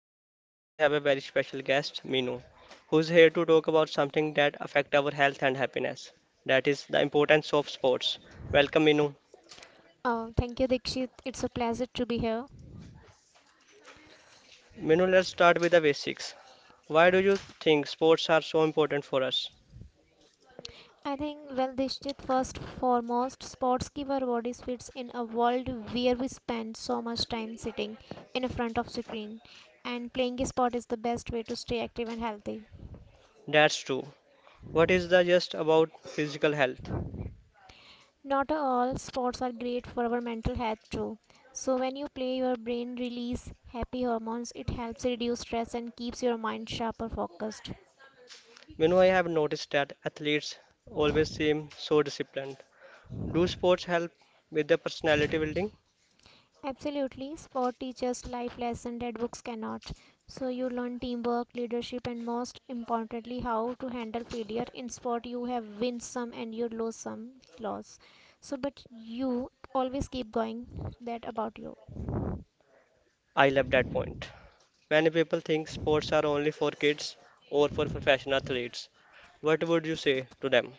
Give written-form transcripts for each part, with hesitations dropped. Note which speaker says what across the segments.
Speaker 1: ha- Today we have a very special guest, Minu, who's here to talk about something that affect our health and happiness. That is the importance of sports. Welcome, Minu.
Speaker 2: Oh, thank you, Dikshit. It's a pleasure to be here.
Speaker 1: Minu, let's start with the basics. Why do you think sports are so important for us?
Speaker 2: I think, well, Dikshit, first foremost, sports give our bodies fits in a world where we spend so much time sitting in front of screen, and playing a sport is the best way to stay active and healthy.
Speaker 1: That's true. What is the just about physical health?
Speaker 2: Not all sports are great for our mental health too. So when you play, your brain release happy hormones. It helps reduce stress and keeps your mind sharp or focused.
Speaker 1: Minu, I have noticed that athletes always seem so disciplined. Do sports help with the personality building?
Speaker 2: Absolutely. Sport teaches life lessons that books cannot. So you learn teamwork, leadership, and most importantly, how to handle failure. In sport, you have win some and you lose some loss. So, but you always keep going. That about you.
Speaker 1: I love that point. Many people think sports are only for kids or for professional athletes. What would you say to them?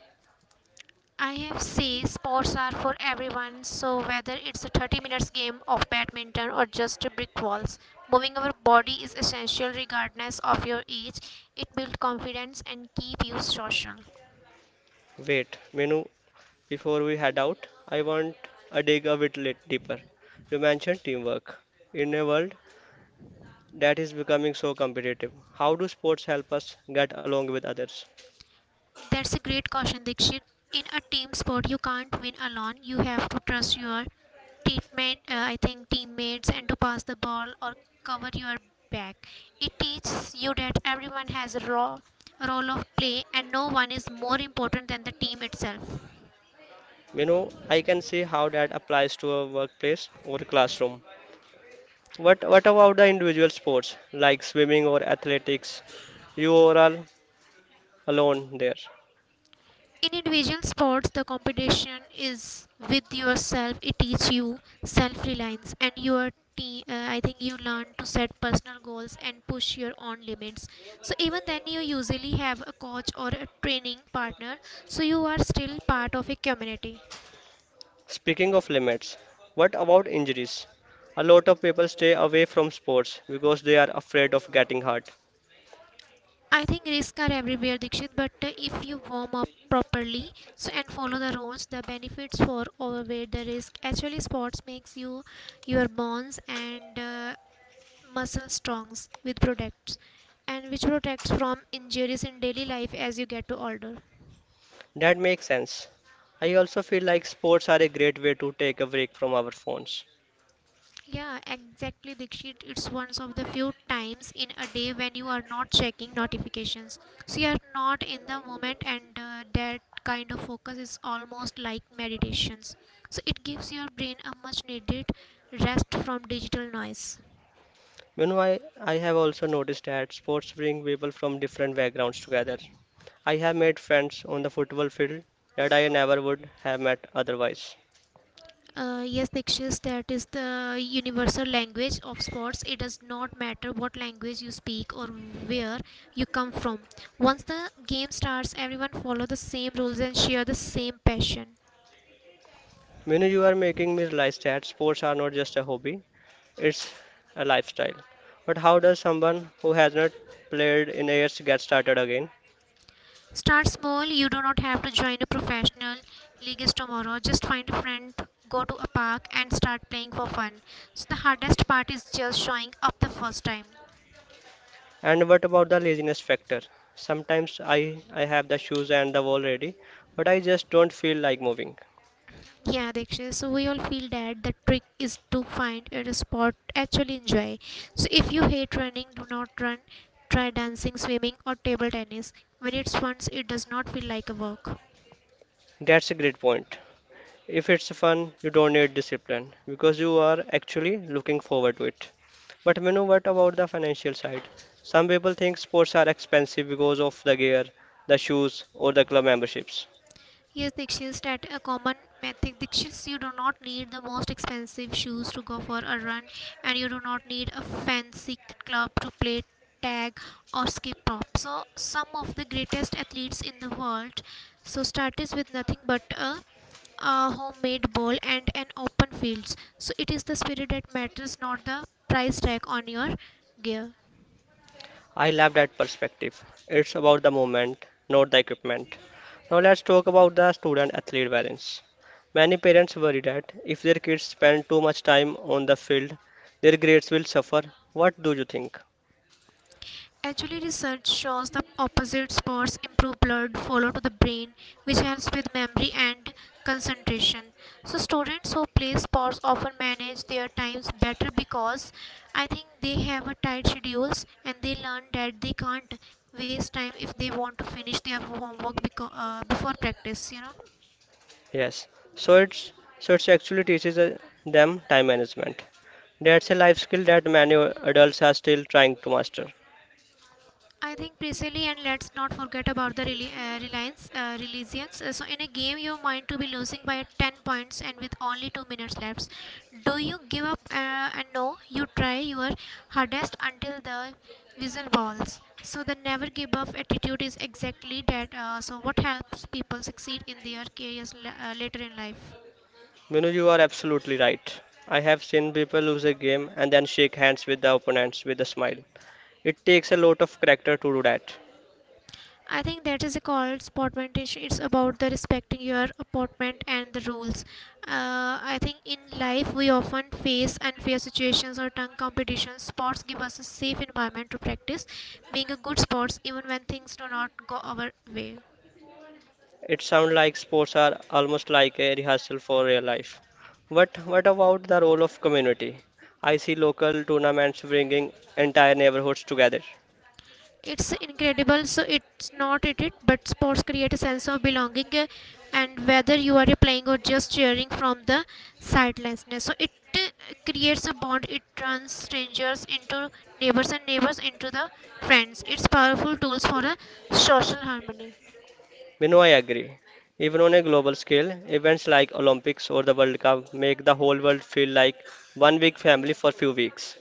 Speaker 2: I have seen sports are for everyone. So whether it's a 30 minutes game of badminton or just a brick walls, moving our body is essential regardless of your age. It builds confidence and keep you social.
Speaker 1: Wait, Menu, before we head out, I want to dig a bit deeper. You mentioned teamwork. In a world that is becoming so competitive, how do sports help us get along with others?
Speaker 2: That's a great caution, Dikshit. In a team sport, you can't win alone. You have to trust your teammate, I think teammates, and to pass the ball or cover your back. It teaches you that everyone has a raw role of play, and no one is more important than the team itself.
Speaker 1: Menu, I can see how that applies to a workplace or a classroom. What about the individual sports like swimming or athletics? You are all alone there.
Speaker 2: In individual sports, the competition is with yourself. It teaches you self-reliance and your te- I think you learn to set personal goals and push your own limits. So even then you usually have a coach or a training partner, so you are still part of a community.
Speaker 1: Speaking of limits, what about injuries? A lot of people stay away from sports because they are afraid of getting hurt.
Speaker 2: I think risks are everywhere, Dikshit, but if you warm up properly so and follow the rules, the benefits for overweight the risk. Actually, sports makes you your bones and muscle strongs with products and which protects from injuries in daily life as you get to older.
Speaker 1: That makes sense. I also feel like sports are a great way to take a break from our phones.
Speaker 2: Yeah, exactly, Dikshit, it's one of the few times in a day when you are not checking notifications, so you are not in the moment and that kind of focus is almost like meditations, so it gives your brain a much needed rest from digital noise.
Speaker 1: You know, I have also noticed that sports bring people from different backgrounds together. I have made friends on the football field that I never would have met otherwise.
Speaker 2: Yes, Dikshis, that is the universal language of sports. It does not matter what language you speak or where you come from. Once the game starts, everyone follow the same rules and share the same passion.
Speaker 1: You know, you are making me realize that sports are not just a hobby, it's a lifestyle. But how does someone who has not played in years get started again?
Speaker 2: Start small. You do not have to join a professional league tomorrow. Just find a friend, go to a park, and start playing for fun. So the hardest part is just showing up the first time.
Speaker 1: And what about the laziness factor? Sometimes I have the shoes and the wall ready, but I just don't feel like moving.
Speaker 2: Yeah, Diksha. So we all feel that the trick is to find a sport actually enjoy. So if you hate running, do not run. Try dancing, swimming, or table tennis. When it's fun, it does not feel like a work.
Speaker 1: That's a great point. If it's fun, you don't need discipline because you are actually looking forward to it. But Manu, what about the financial side? Some people think sports are expensive because of the gear, the shoes, or the club memberships.
Speaker 2: Yes, Dikshit, that a common method. Dikshit, you do not need the most expensive shoes to go for a run, and you do not need a fancy club to play tag or skip prop. So, some of the greatest athletes in the world, so start is with nothing but a homemade ball and an open field. So it is the spirit that matters, not the price tag on your gear.
Speaker 1: I love that perspective. It's about the moment, not the equipment. Now let's talk about the student athlete balance. Many parents worry that if their kids spend too much time on the field, their grades will suffer. What do you think?
Speaker 2: Actually, research shows the opposite sports improve blood flow to the brain, which helps with memory and concentration. So, students who play sports often manage their times better because I think they have a tight schedules and they learn that they can't waste time if they want to finish their homework before practice. You know.
Speaker 1: Yes. So it's so it's actually teaches them time management. That's a life skill that many adults are still trying to master.
Speaker 2: I think precisely, and let's not forget about the reliance. So, in a game, you're mind to be losing by 10 points and with only 2 minutes left. Do you give up? And No, you try your hardest until the whistle balls. So, the never give up attitude is exactly that. So, what helps people succeed in their careers later in life?
Speaker 1: Minu, you are absolutely right. I have seen people lose a game and then shake hands with the opponents with a smile. It takes a lot of character to do that.
Speaker 2: I think that is called sportmanship. It's about the respecting your appointment and the rules. I think in life we often face unfair situations or tongue competitions. Sports give us a safe environment to practice being a good sports even when things do not go our way.
Speaker 1: It sounds like sports are almost like a rehearsal for real life. But what about the role of community? I see local tournaments bringing entire neighborhoods together.
Speaker 2: It's incredible. So it's not it, it but sports create a sense of belonging, and whether you are playing or just cheering from the sidelines, so it uh, creates a bond. It turns strangers into neighbors and neighbors into the friends. It's powerful tools for a social harmony.
Speaker 1: Bino, I agree. Even on a global scale, events like Olympics or the World Cup make the whole world feel like one big family for few weeks.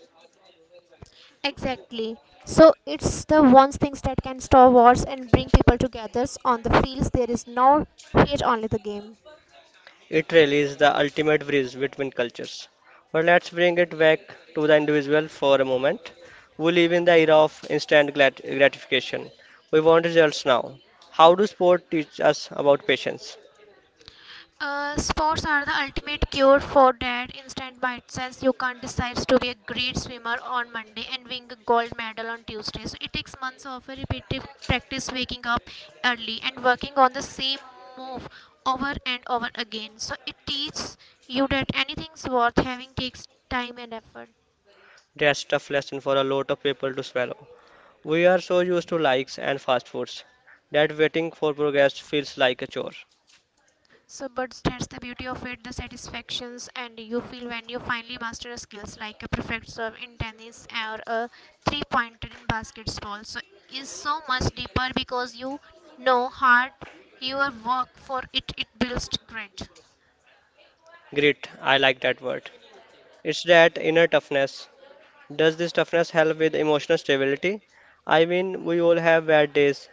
Speaker 1: It really is the ultimate bridge between cultures. But let's bring it back to the individual for a moment. We live in the era of gratification. We want results now. How do sport teach us about patience?
Speaker 2: Sports are the ultimate cure for that instant by itself. You can't decide to be a great swimmer on Monday and win a gold medal on Tuesday. So it takes months of a repetitive practice, waking up early and working on the same move over and over again. So it teaches you that anything's worth having takes time and effort.
Speaker 1: That's tough lesson for a lot of people to swallow. We are so used to likes and fast foods that waiting for progress feels like a chore.
Speaker 2: So, but that's the beauty of it, the satisfactions and you feel when you finally master a skills like a perfect serve in tennis or a three pointer in basketball. So, is so much deeper because you know hard your work for it. It builds great.
Speaker 1: Grit, I like that word. It's that inner toughness. Does this toughness help with emotional stability? I mean, we all have bad days,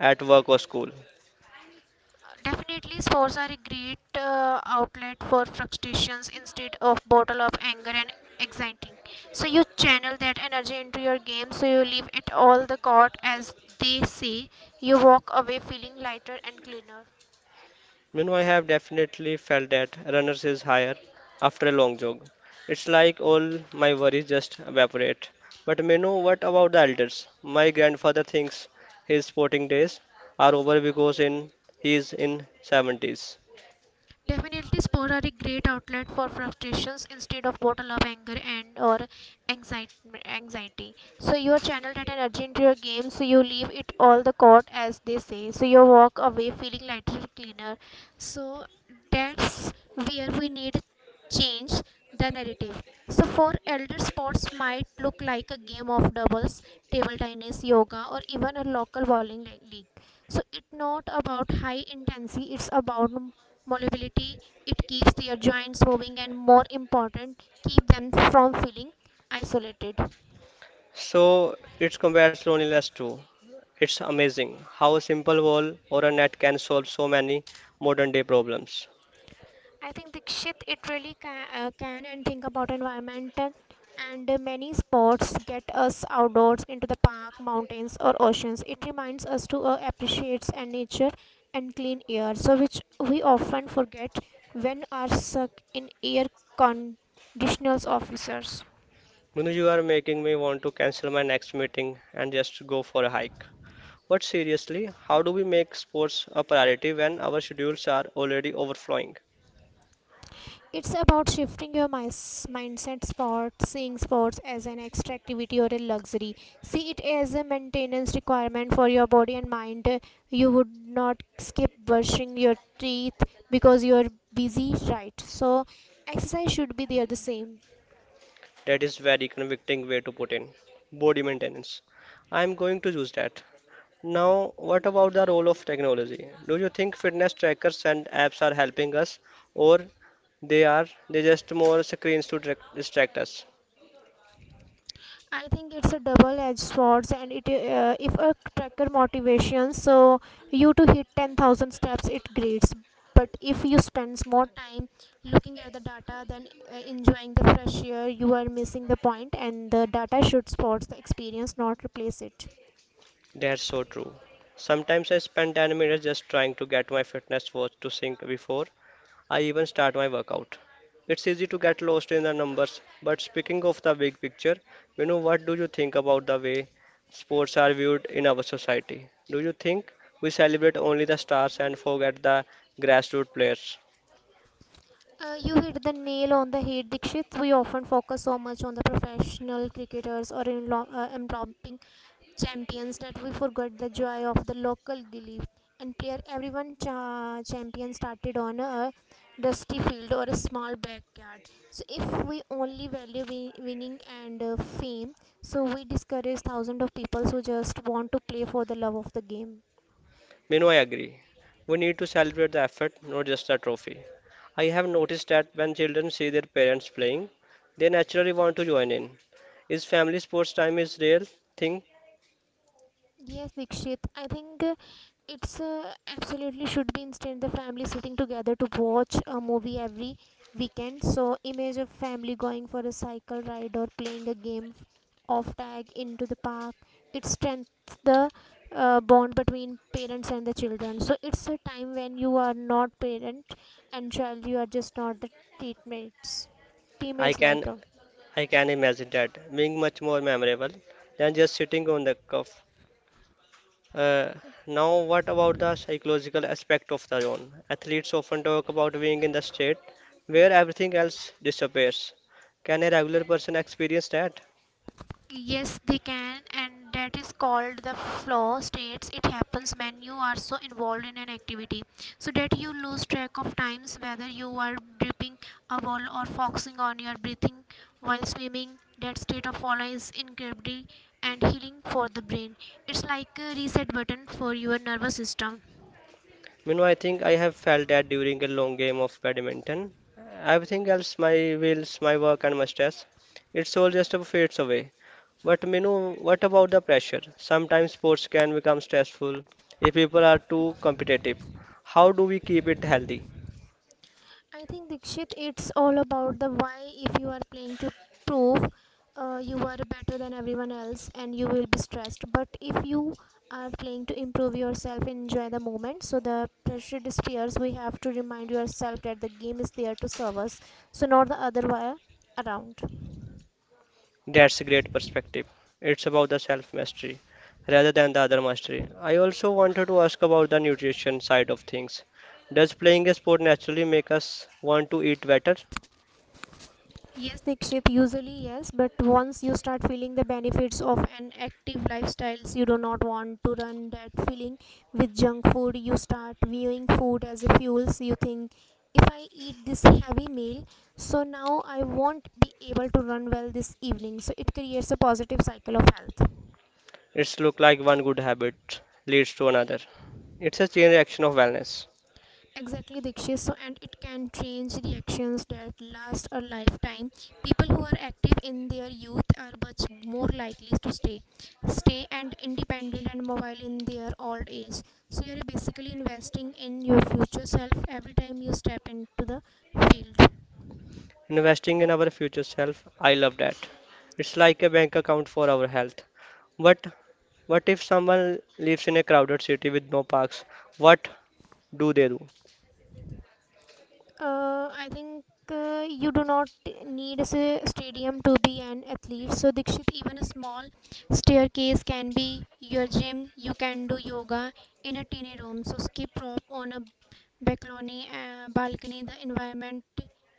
Speaker 1: at work or school.
Speaker 2: Definitely stores are a great outlet for frustrations instead of bottle of anger and anxiety, so you channel that energy into your game. So you leave it all the court, as they say. You walk away feeling lighter and cleaner.
Speaker 1: You know, I have definitely felt that runners is higher after a long jog. It's like all my worries just evaporate. But you know what about the elders? My grandfather thinks his sporting days are over because in he is in 70s.
Speaker 2: Definitely, sports are a great outlet for frustrations instead of bottle up anger and or anxiety. Anxiety. So you are channeled that energy into your game. So you leave it all the court, as they say. So you walk away feeling lighter, and cleaner. So that's where we need change the narrative. So for elder sports might look like a game of doubles, table tennis, yoga, or even a local bowling league. So it's not about high intensity, it's about mobility. It keeps their joints moving and more important keep them from feeling isolated.
Speaker 1: So it combats loneliness too. It's amazing how a simple wall or a net can solve so many modern day problems.
Speaker 2: I think, Dikshit, it really can. And think about environmental and many sports get us outdoors into the park mountains or oceans. It reminds us to appreciate and nature and clean air, so which we often forget when are stuck in air conditionals officers.
Speaker 1: Munu, you are making me want to cancel my next meeting and just go for a hike. But seriously, how do we make sports a priority when our schedules are already overflowing?
Speaker 2: It's about shifting your mindset sports seeing sports as an extra activity or a luxury. See it as a maintenance requirement for your body and mind. You would not skip brushing your teeth because you're busy, right? So exercise should be there the same.
Speaker 1: That is very convicting way to put in. Body maintenance. I am going to use that. Now, what about the role of technology? Do you think fitness trackers and apps are helping us or they are they just more screens to distract us?
Speaker 2: I think it's a double-edged sword, and it if a tracker motivation, so you to hit 10,000 steps, it greats. But if you spend more time looking at the data than enjoying the fresh air, you are missing the point. And the data should support the experience, not replace it.
Speaker 1: That's so true. Sometimes I spend 10 minutes just trying to get my fitness watch to sync before I even start my workout. It's easy to get lost in the numbers, but speaking of the big picture, you know, what do you think about the way sports are viewed in our society? Do you think we celebrate only the stars and forget the grassroots players?
Speaker 2: You hit the nail on the head, Dikshit. We often focus so much on the professional cricketers or in enveloping champions that we forgot the joy of the local glee and player. Everyone champion started on a dusty field or a small backyard. So if we only value winning and fame, so we discourage thousands of people who just want to play for the love of the game.
Speaker 1: You know, I agree. We need to celebrate the effort, not just the trophy. I have noticed that when children see their parents playing, they naturally want to join in. Is family sports time is real thing?
Speaker 2: Yes, Dikshit. I think it's absolutely should be instead the family sitting together to watch a movie every weekend. So image of family going for a cycle ride or playing a game of tag into the park. It strengthens the bond between parents and the children. So it's a time when you are not parent and child. You are just not the teammates.
Speaker 1: I
Speaker 2: Teammates like.
Speaker 1: can
Speaker 2: Uh,
Speaker 1: I can imagine that being much more memorable than just sitting on the cuff. Uh, now, what about the psychological aspect of the zone? Athletes often talk about being in the state where everything else disappears. Can a regular person experience that?
Speaker 2: Yes, they can, and that is called the flow states. It happens when you are so involved in an activity so that you lose track of times whether you are dipping a ball or focusing on your breathing while swimming. That state of flow is incredibly and healing for the brain. It's like a reset button for your nervous system.
Speaker 1: You know, I think I have felt that during a long game of badminton. Everything else, my wheels, my work, and my stress, it's all just a fades away. But Minu, what about the pressure? Sometimes sports can become stressful if people are too competitive. How do we keep it healthy?
Speaker 2: I think, Dikshit, it's all about the why. If you are playing to prove you are better than everyone else, and you will be stressed. But if you are playing to improve yourself and enjoy the moment, so the pressure disappears. We have to remind yourself that the game is there to serve us, so not the other way around.
Speaker 1: That's a great perspective. It's about the self mastery rather than the other mastery. I also wanted to ask about the nutrition side of things. Does playing a sport naturally make us want to eat better?
Speaker 2: Yes, Dikshit, usually yes, but once you start feeling the benefits of an active lifestyles, you do not want to run that feeling with junk food. You start viewing food as a fuel. So you think, if I eat this heavy meal, so now I won't be able to run well this evening. So it creates a positive cycle of health.
Speaker 1: It's look like one good habit leads to another. It's a chain reaction of wellness.
Speaker 2: Exactly, Dikshit. So, and it can change reactions that last a lifetime. People who are active in their youth are much more likely to stay, stay and independent and mobile in their old age. So, you are basically investing in your future self every time you step into the field.
Speaker 1: Investing in our future self, I love that. It's like a bank account for our health. But what if someone lives in a crowded city with no parks? What do they do?
Speaker 2: I think you do not need a stadium to be an athlete. So, Dikshit, even a small staircase can be your gym. You can do yoga in a tiny room. So, skip rope on a balcony. The environment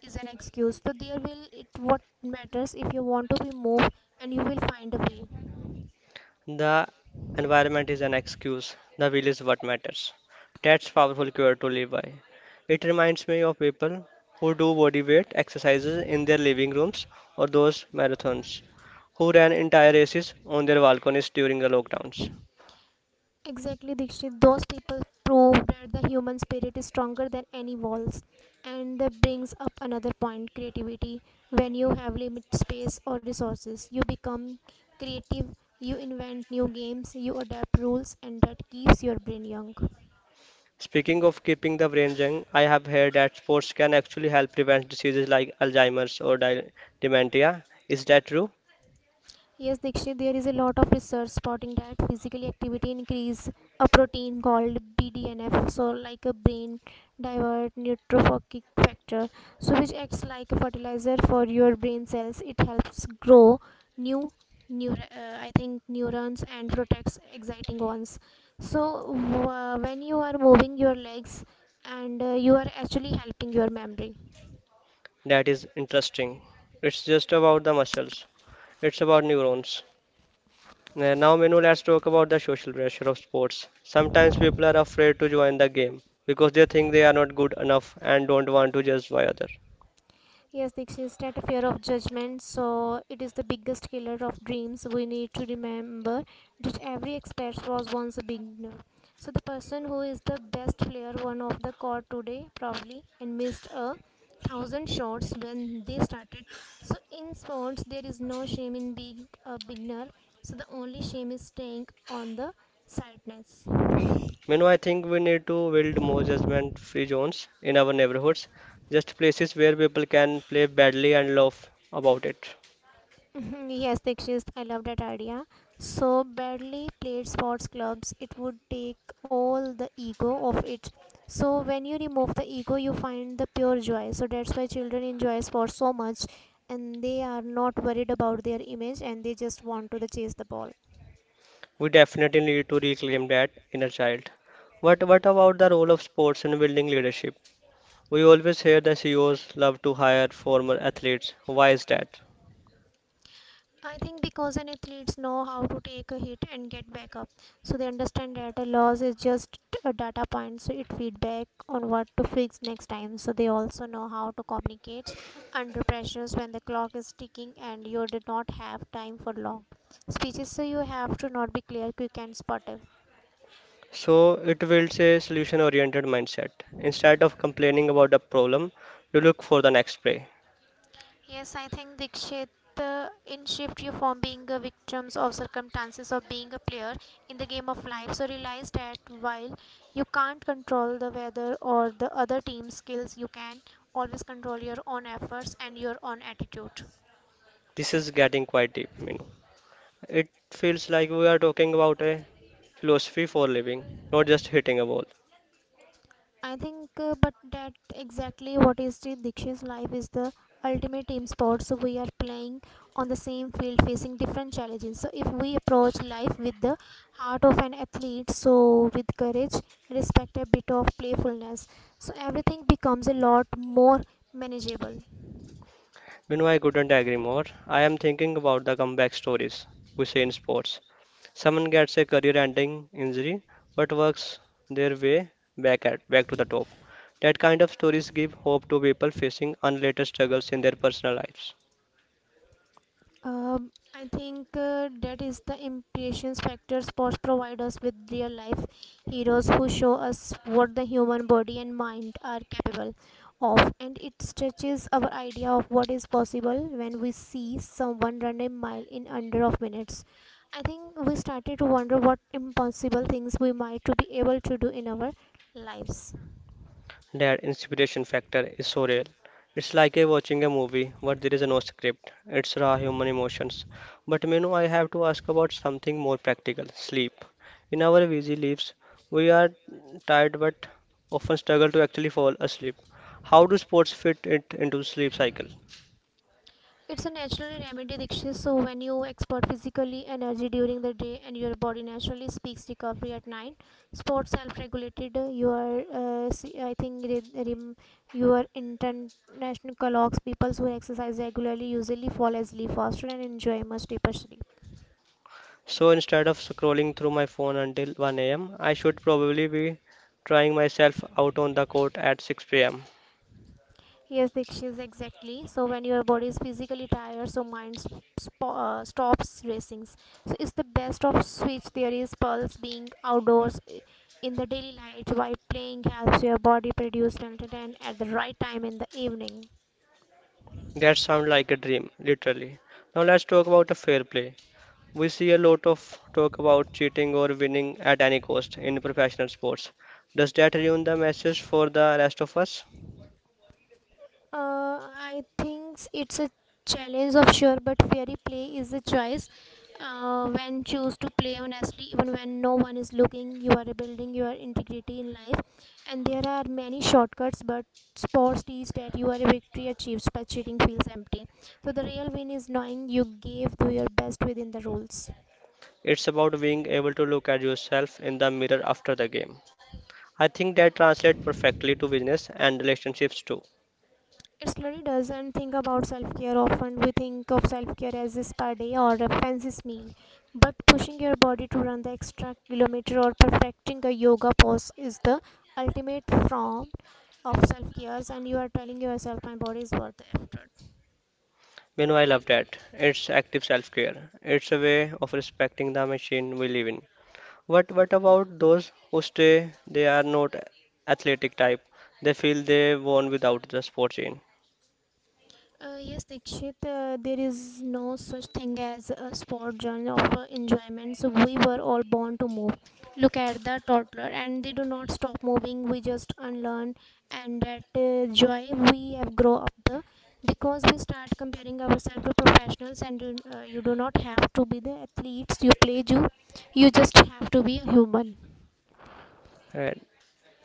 Speaker 2: is an excuse. So, there will it what matters if you want to be moved, and you will find a way.
Speaker 1: The environment is an excuse. The will is what matters. That's powerful cure to live by. It reminds me of people who do body weight exercises in their living rooms or those marathons who ran entire races on their balconies during the lockdowns.
Speaker 2: Exactly, Dikshit. Those people prove that the human spirit is stronger than any walls. And that brings up another point creativity. When you have limited space or resources, you become creative, you invent new games, you adapt rules, and that keeps your brain young.
Speaker 1: Speaking of keeping the brain young, I have heard that sports can actually help prevent diseases like Alzheimer's or dementia. Is that true?
Speaker 2: Yes, Dikshit, there is a lot of research spotting that physical activity increase a protein called BDNF, so like a brain divert neurotrophic factor, so which acts like a fertilizer for your brain cells. It helps grow new neur I think neurons and protects exciting ones. So when you are moving your legs, and you are actually helping your memory.
Speaker 1: That is interesting. It's just about the muscles. It's about neurons. Now Menu, let's talk about the social pressure of sports. Sometimes people are afraid to join the game because they think they are not good enough and don't want to judge by others.
Speaker 2: Yes, Dixit, is that a fear of judgment. So it is the biggest killer of dreams. We need to remember that every expert was once a beginner. So the person who is the best player won of the court today probably and missed a thousand shots when they started. So in sports, there is no shame in being a beginner. So the only shame is staying on the sidelines.
Speaker 1: Menu, I think we need to build more judgment-free zones in our neighborhoods, just places where people can play badly and laugh about it.
Speaker 2: Mhm, yes, Dikshit, I love that idea. So badly played sports clubs, it would take all the ego of it. So when you remove the ego, you find the pure joy. So that's why children enjoy sports so much, and they are not worried about their image, and they just want to the chase the ball.
Speaker 1: We definitely need to reclaim that inner child. What about the role of sports in building leadership? We always hear that CEOs love to hire former athletes. Why is that?
Speaker 2: I think because an athletes know how to take a hit and get back up, so they understand that a loss is just a data point, so it feedback on what to fix next time. So they also know how to communicate under pressures when the clock is ticking and you do not have time for long speeches. So you have to not be clear, quick, and spotty.
Speaker 1: So, it builds a solution oriented mindset. Instead of complaining about the problem, you look for the next play.
Speaker 2: Yes, I think Dikshit, in shift you from being a victims of circumstances of being a player in the game of life. So realize that while you can't control the weather or the other team's skills, you can always control your own efforts and your own attitude.
Speaker 1: This is getting quite deep, you know. It feels like we are talking about a philosophy for living, not just hitting a wall.
Speaker 2: But that exactly what is the Dikshit's life is the ultimate team sport. So we are playing on the same field, facing different challenges. So if we approach life with the heart of an athlete, so with courage, respect, a bit of playfulness, so everything becomes a lot more manageable.
Speaker 1: You know, I couldn't agree more. I am thinking about the comeback stories we see in sports. Someone gets a career-ending injury but works their way back to the top. That kind of stories give hope to people facing unrelated struggles in their personal lives.
Speaker 2: I think that is the impressions factor sports provide us with real life heroes who show us what the human body and mind are capable of, and it stretches our idea of what is possible when we see someone run a mile in under of minutes. I think we started to wonder what impossible things we might to be able to do in our lives.
Speaker 1: That inspiration factor is so real. It's like a watching a movie but there is no script. It's raw human emotions. But Menu, I have to ask about something more practical, sleep. In our busy lives, we are tired but often struggle to actually fall asleep. How do sports fit it into sleep cycle?
Speaker 2: It's a natural remedy, Dikshit. So when you expert physically energy during the day and your body naturally speaks recovery at night, sports self-regulated. You are, see, I think, re- rem- your international colleagues, people who exercise regularly, usually fall asleep faster and enjoy much deeper sleep.
Speaker 1: So instead of scrolling through my phone until 1 a.m., I should probably be trying myself out on the court at 6 p.m.
Speaker 2: Yes, Dikshis, exactly. So when your body is physically tired, so mind stops racing. So it's the best of switch. There is pulse being outdoors in the daily light while playing helps your body produce melatonin at the right time in the evening.
Speaker 1: That sounds like a dream, literally. Now let's talk about a fair play. We see a lot of talk about cheating or winning at any cost in professional sports. Does that ruin the message for the rest of us?
Speaker 2: I think it's a challenge of sure, but fairy play is a choice. When choose to play honestly, even when no one is looking, you are building your integrity in life. And there are many shortcuts, but sports teach that you are a victory achieved by cheating feels empty. So the real win is knowing you gave to your best within the rules.
Speaker 1: It's about being able to look at yourself in the mirror after the game. I think that translates perfectly to business and relationships too.
Speaker 2: It slowly doesn't think about self care. Often we think of self care as a spa day or a fancy meal, but pushing your body to run the extra kilometer or perfecting a yoga pose is the ultimate form of self care. And you are telling yourself, my body is worth the effort.
Speaker 1: You know, I love that. It's active self-care. It's a way of respecting the machine we live in. What about those who stay? They are not athletic type. They feel they won without the sport chain.
Speaker 2: Yes, Dikshit, there is no such thing as a sport journey of enjoyment. So we were all born to move. Look at the toddler, and they do not stop moving. We just unlearn, and that joy we have grow up the because we start comparing ourselves to professionals, and you do not have to be the athletes you play. You just have to be a human.
Speaker 1: Right.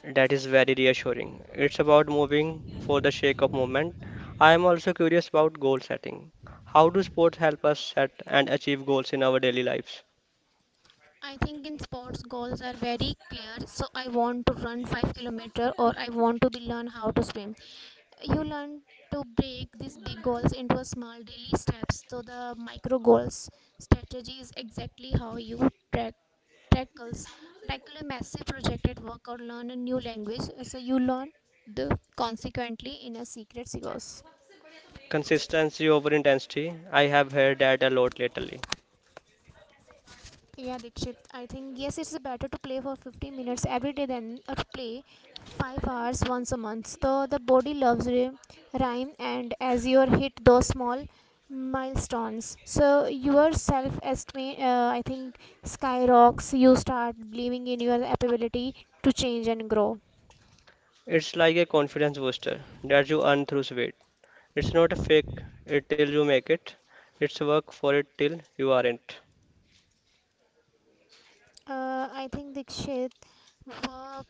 Speaker 1: That is very reassuring. It's about moving for the sake of movement. I am also curious about goal setting. How do sports help us set and achieve goals in our daily lives?
Speaker 2: I think in sports goals are very clear. So I want to run 5 kilometer or I want to be learn how to swim. You learn to break these big goals into a small daily steps. So the micro goals strategy is exactly how you track tackles tackle a massive project at work or learn a new language. So you learn the consequently in a secret course.
Speaker 1: Consistency over intensity. I have heard that a lot lately.
Speaker 2: Yeah, Dikshit. I think yes, it's better to play for 15 minutes every day than to play 5 hours once a month. So the body loves rhyme, and as you hit those small milestones, so your self esteem, skyrockets. You start believing in your ability to change and grow.
Speaker 1: It's like a confidence booster that you earn through sweat. It's not a fake it till you make it. It's work for it till you aren't.
Speaker 2: I think Dikshit, work, uh,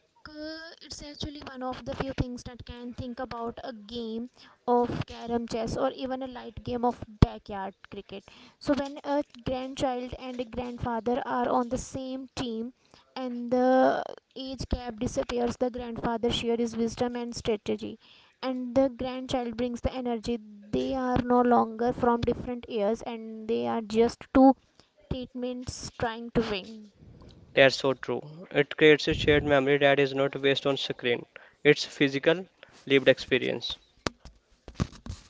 Speaker 2: it's actually one of the few things that can think about a game of carom chess or even a light game of backyard cricket. So when a grandchild and a grandfather are on the same team and the age gap disappears, the grandfather shares his wisdom and strategy and the grandchild brings the energy. They are no longer from different years and they are just two treatments trying to win.
Speaker 1: That's so true. It creates a shared memory that is not based on screen. It's physical, lived experience.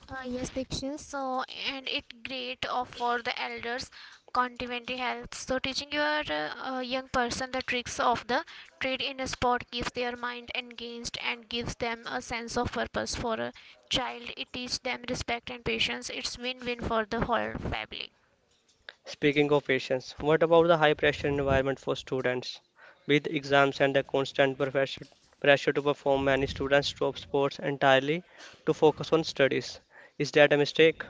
Speaker 2: Yes, Dikshin. So, and it great of for the elders complementary help. So, teaching your young person the tricks of the trade in a sport keeps their mind engaged and gives them a sense of purpose. For a child, it teaches them respect and patience. It's win-win for the whole family.
Speaker 1: Speaking of patience, what about the high pressure environment for students? With exams and the constant pressure to perform, many students drop sports entirely to focus on studies. Is that a mistake?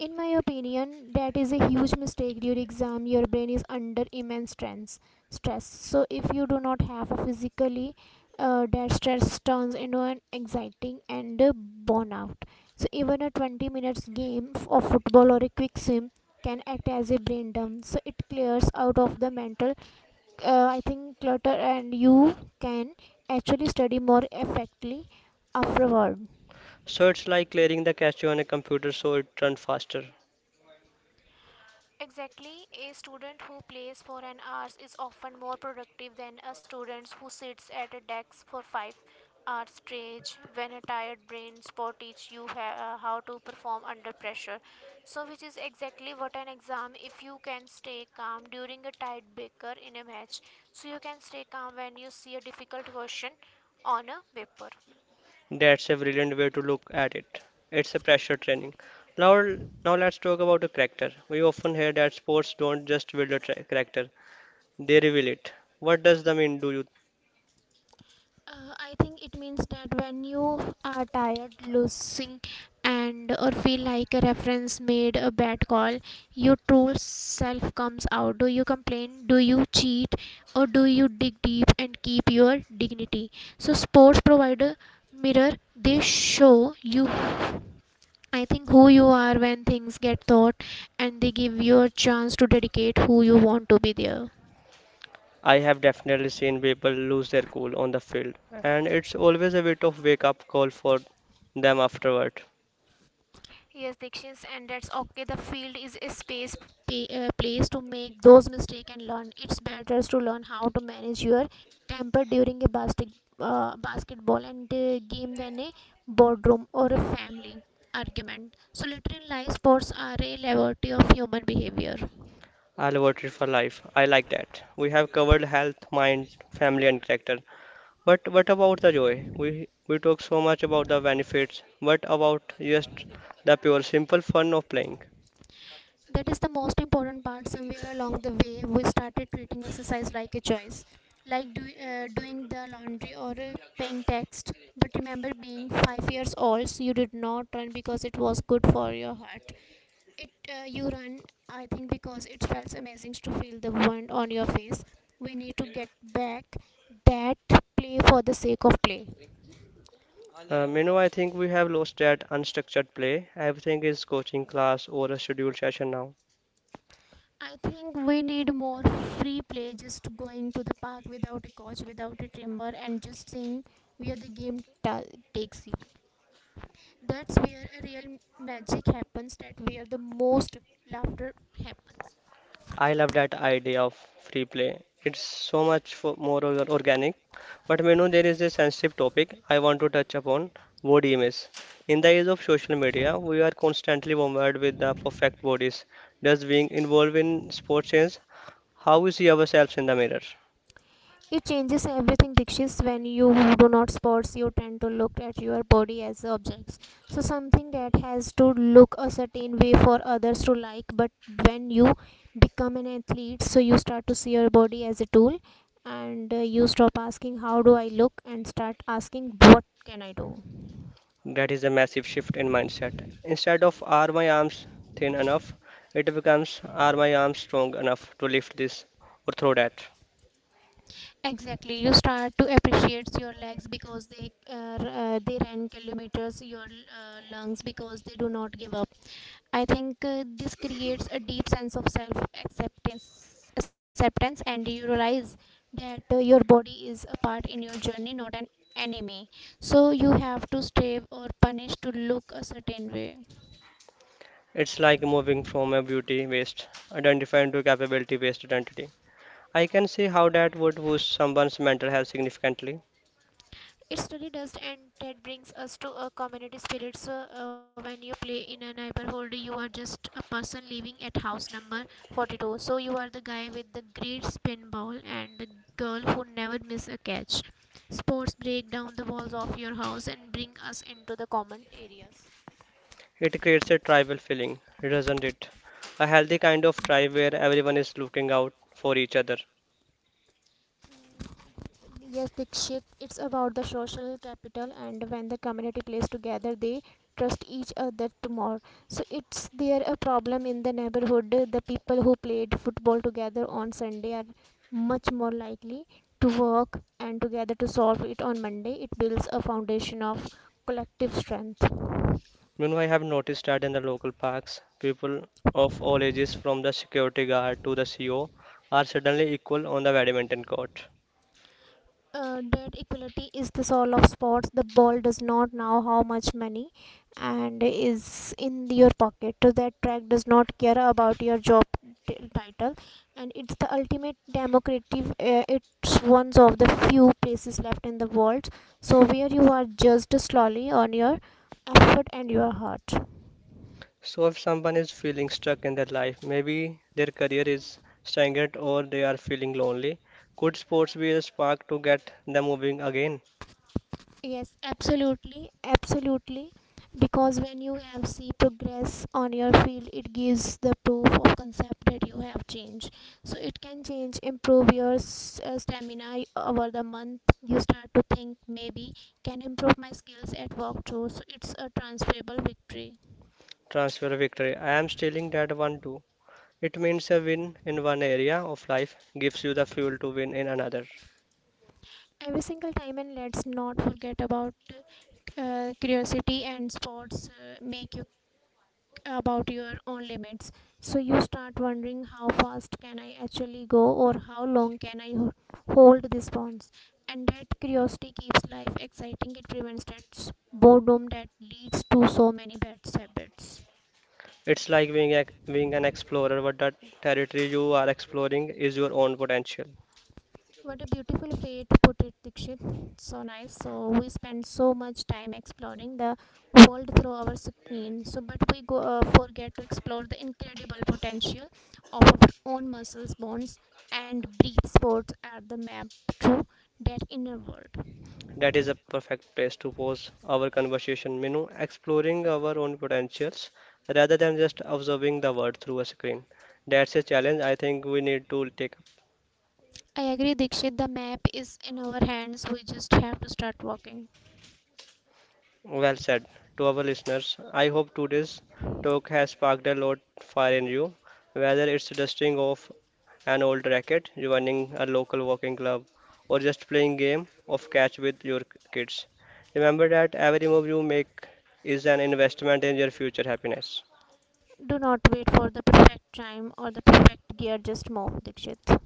Speaker 2: In my opinion, that is a huge mistake. During exam, your brain is under immense stress. Stress. So if you do not have a physically, that stress turns into an exciting and a burnout. So even a 20 minutes game of football or a quick swim can act as a brain dump. So it clears out of the mental I think clutter and you can actually study more effectively afterward.
Speaker 1: So it's like clearing the cache on a computer so it runs faster.
Speaker 2: Exactly, a student who plays for an hour is often more productive than a student who sits at a desk for 5 hours straight. When a tired brain spot teach you how to perform under pressure. So which is exactly what an exam if you can stay calm during a tight baker in a match. So you can stay calm when you see a difficult question on a paper.
Speaker 1: That's a brilliant way to look at it. It's a pressure training. Now, now let's talk about a character. We often hear that sports don't just build a character; they reveal it. What does that mean? Do you?
Speaker 2: I think it means that when you are tired, losing, and or feel like a reference made a bad call, your true self comes out. Do you complain? Do you cheat? Or do you dig deep and keep your dignity? So sports provider mirror they show you I think who you are when things get thought and they give you a chance to dedicate who you want to be there.
Speaker 1: I have definitely seen people lose their cool on the field, and it's always a bit of wake-up call for them afterward.
Speaker 2: Yes, Dikshit, and that's okay. The field is a space, place to make those mistakes and learn. It's better to learn how to manage your temper during a basketball and game than a boardroom or a family argument. So, later in life, sports are a laboratory of human behavior.
Speaker 1: I'll vote it for life. I like that. We have covered health, mind, family, and character. But what about the joy? We talk so much about the benefits. What about just the pure simple fun of playing?
Speaker 2: That is the most important part somewhere along the way we started treating exercise like a choice like doing the laundry or paying tax but remember being 5 years old so you did not run because it was good for your heart it you run I think because it felt amazing to feel the wind on your face we need to get back that play for the sake of play.
Speaker 1: I think we have lost that unstructured play. Everything is coaching class or a scheduled session now.
Speaker 2: I think we need more free play, just going to the park without a coach, without a trainer, and just seeing where the takes you. That's where a real magic happens, that where the most laughter happens.
Speaker 1: I love that idea of free play. It's so much for organic. But you know, there is a sensitive topic I want to touch upon: body image. In the age of social media, we are constantly bombarded with the perfect bodies. Does being involved in sports change how we see ourselves in the mirror?
Speaker 2: It changes everything, Dikshit, when you do not sports, you tend to look at your body as objects. So something that has to look a certain way for others to like, but when you become an athlete, so you start to see your body as a tool and you stop asking how do I look and start asking what can I do.
Speaker 1: That is a massive shift in mindset. Instead of are my arms thin enough, it becomes are my arms strong enough to lift this or throw that.
Speaker 2: Exactly, you start to appreciate your legs because they ran kilometers, your lungs because they do not give up. I think this creates a deep sense of acceptance, and you realize that your body is a part in your journey, not an enemy. So you have to strive or punish to look a certain way.
Speaker 1: It's like moving from a beauty based identity to capability based identity. I can see how that would boost someone's mental health significantly.
Speaker 2: It's really dust, and that brings us to a community spirit. So, when you play in a neighborhood, you are just a person living at house number 42. So, you are the guy with the great spin ball and the girl who never miss a catch. Sports break down the walls of your house and bring us into the common areas.
Speaker 1: It creates a tribal feeling, doesn't it? A healthy kind of tribe where everyone is looking out for each other.
Speaker 2: Yes, Dikshit, it's about the social capital and when the community plays together they trust each other to more. So it's there a problem in the neighborhood the people who played football together on Sunday are much more likely to work and together to solve it on Monday. It builds a foundation of collective strength.
Speaker 1: Meanwhile, I have noticed that in the local parks, people of all ages, from the security guard to the CEO, are suddenly equal on the badminton court.
Speaker 2: That equality is the soul of sports. The ball does not know how much money and is in your pocket. So that track does not care about your job title, and it's the ultimate democratic. It's one of the few places left in the world, so where you are judged slowly on your effort and your heart.
Speaker 1: So, if someone is feeling stuck in their life, maybe their career is stagnant or they are feeling lonely, could sports be a spark to get them moving again?
Speaker 2: Yes, absolutely. Because when you have see progress on your field, it gives the proof of concept that you have changed. So it can change, improve your stamina over the month. You start to think maybe can improve my skills at walkthrough. So it's a transferable victory
Speaker 1: Transfer victory. I am stealing that one too. It means a win in one area of life gives you the fuel to win in another.
Speaker 2: every single time. And let's not forget about curiosity and sports make you about your own limits so you start wondering how fast can I actually go or how long can hold this bonds and that curiosity keeps life exciting it prevents that boredom that leads to so many bad habits.
Speaker 1: It's like being an explorer, but the territory you are exploring is your own potential.
Speaker 2: What a beautiful way to put it, Dikshit. So nice. So we spend so much time exploring the world through our screen. So, but we go forget to explore the incredible potential of our own muscles, bones, and breath. Sports are the map to that inner world.
Speaker 1: That is a perfect place to pose our conversation, Minu, exploring our own potentials rather than just observing the world through a screen. That's a challenge I think we need to take.
Speaker 2: I agree, Dikshit. The map is in our hands. We just have to start walking.
Speaker 1: Well said. To our listeners, I hope today's talk has sparked a lot fire in you. Whether it's dusting off an old racket, joining a local walking club, or just playing game of catch with your kids. Remember that every move you make is an investment in your future happiness.
Speaker 2: Do not wait for the perfect time or the perfect gear. Just move, Dikshit.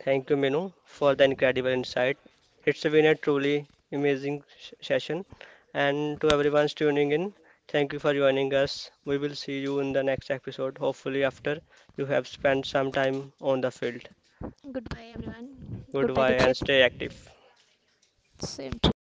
Speaker 1: Thank you, Minu, for the incredible insight. It's been a truly amazing session. And to everyone tuning in, thank you for joining us. We will see you in the next episode, hopefully, after you have spent some time on the field.
Speaker 2: Goodbye, everyone. Goodbye,
Speaker 1: Goodbye and
Speaker 2: Dikshit.
Speaker 1: stay active.
Speaker 2: Same to you.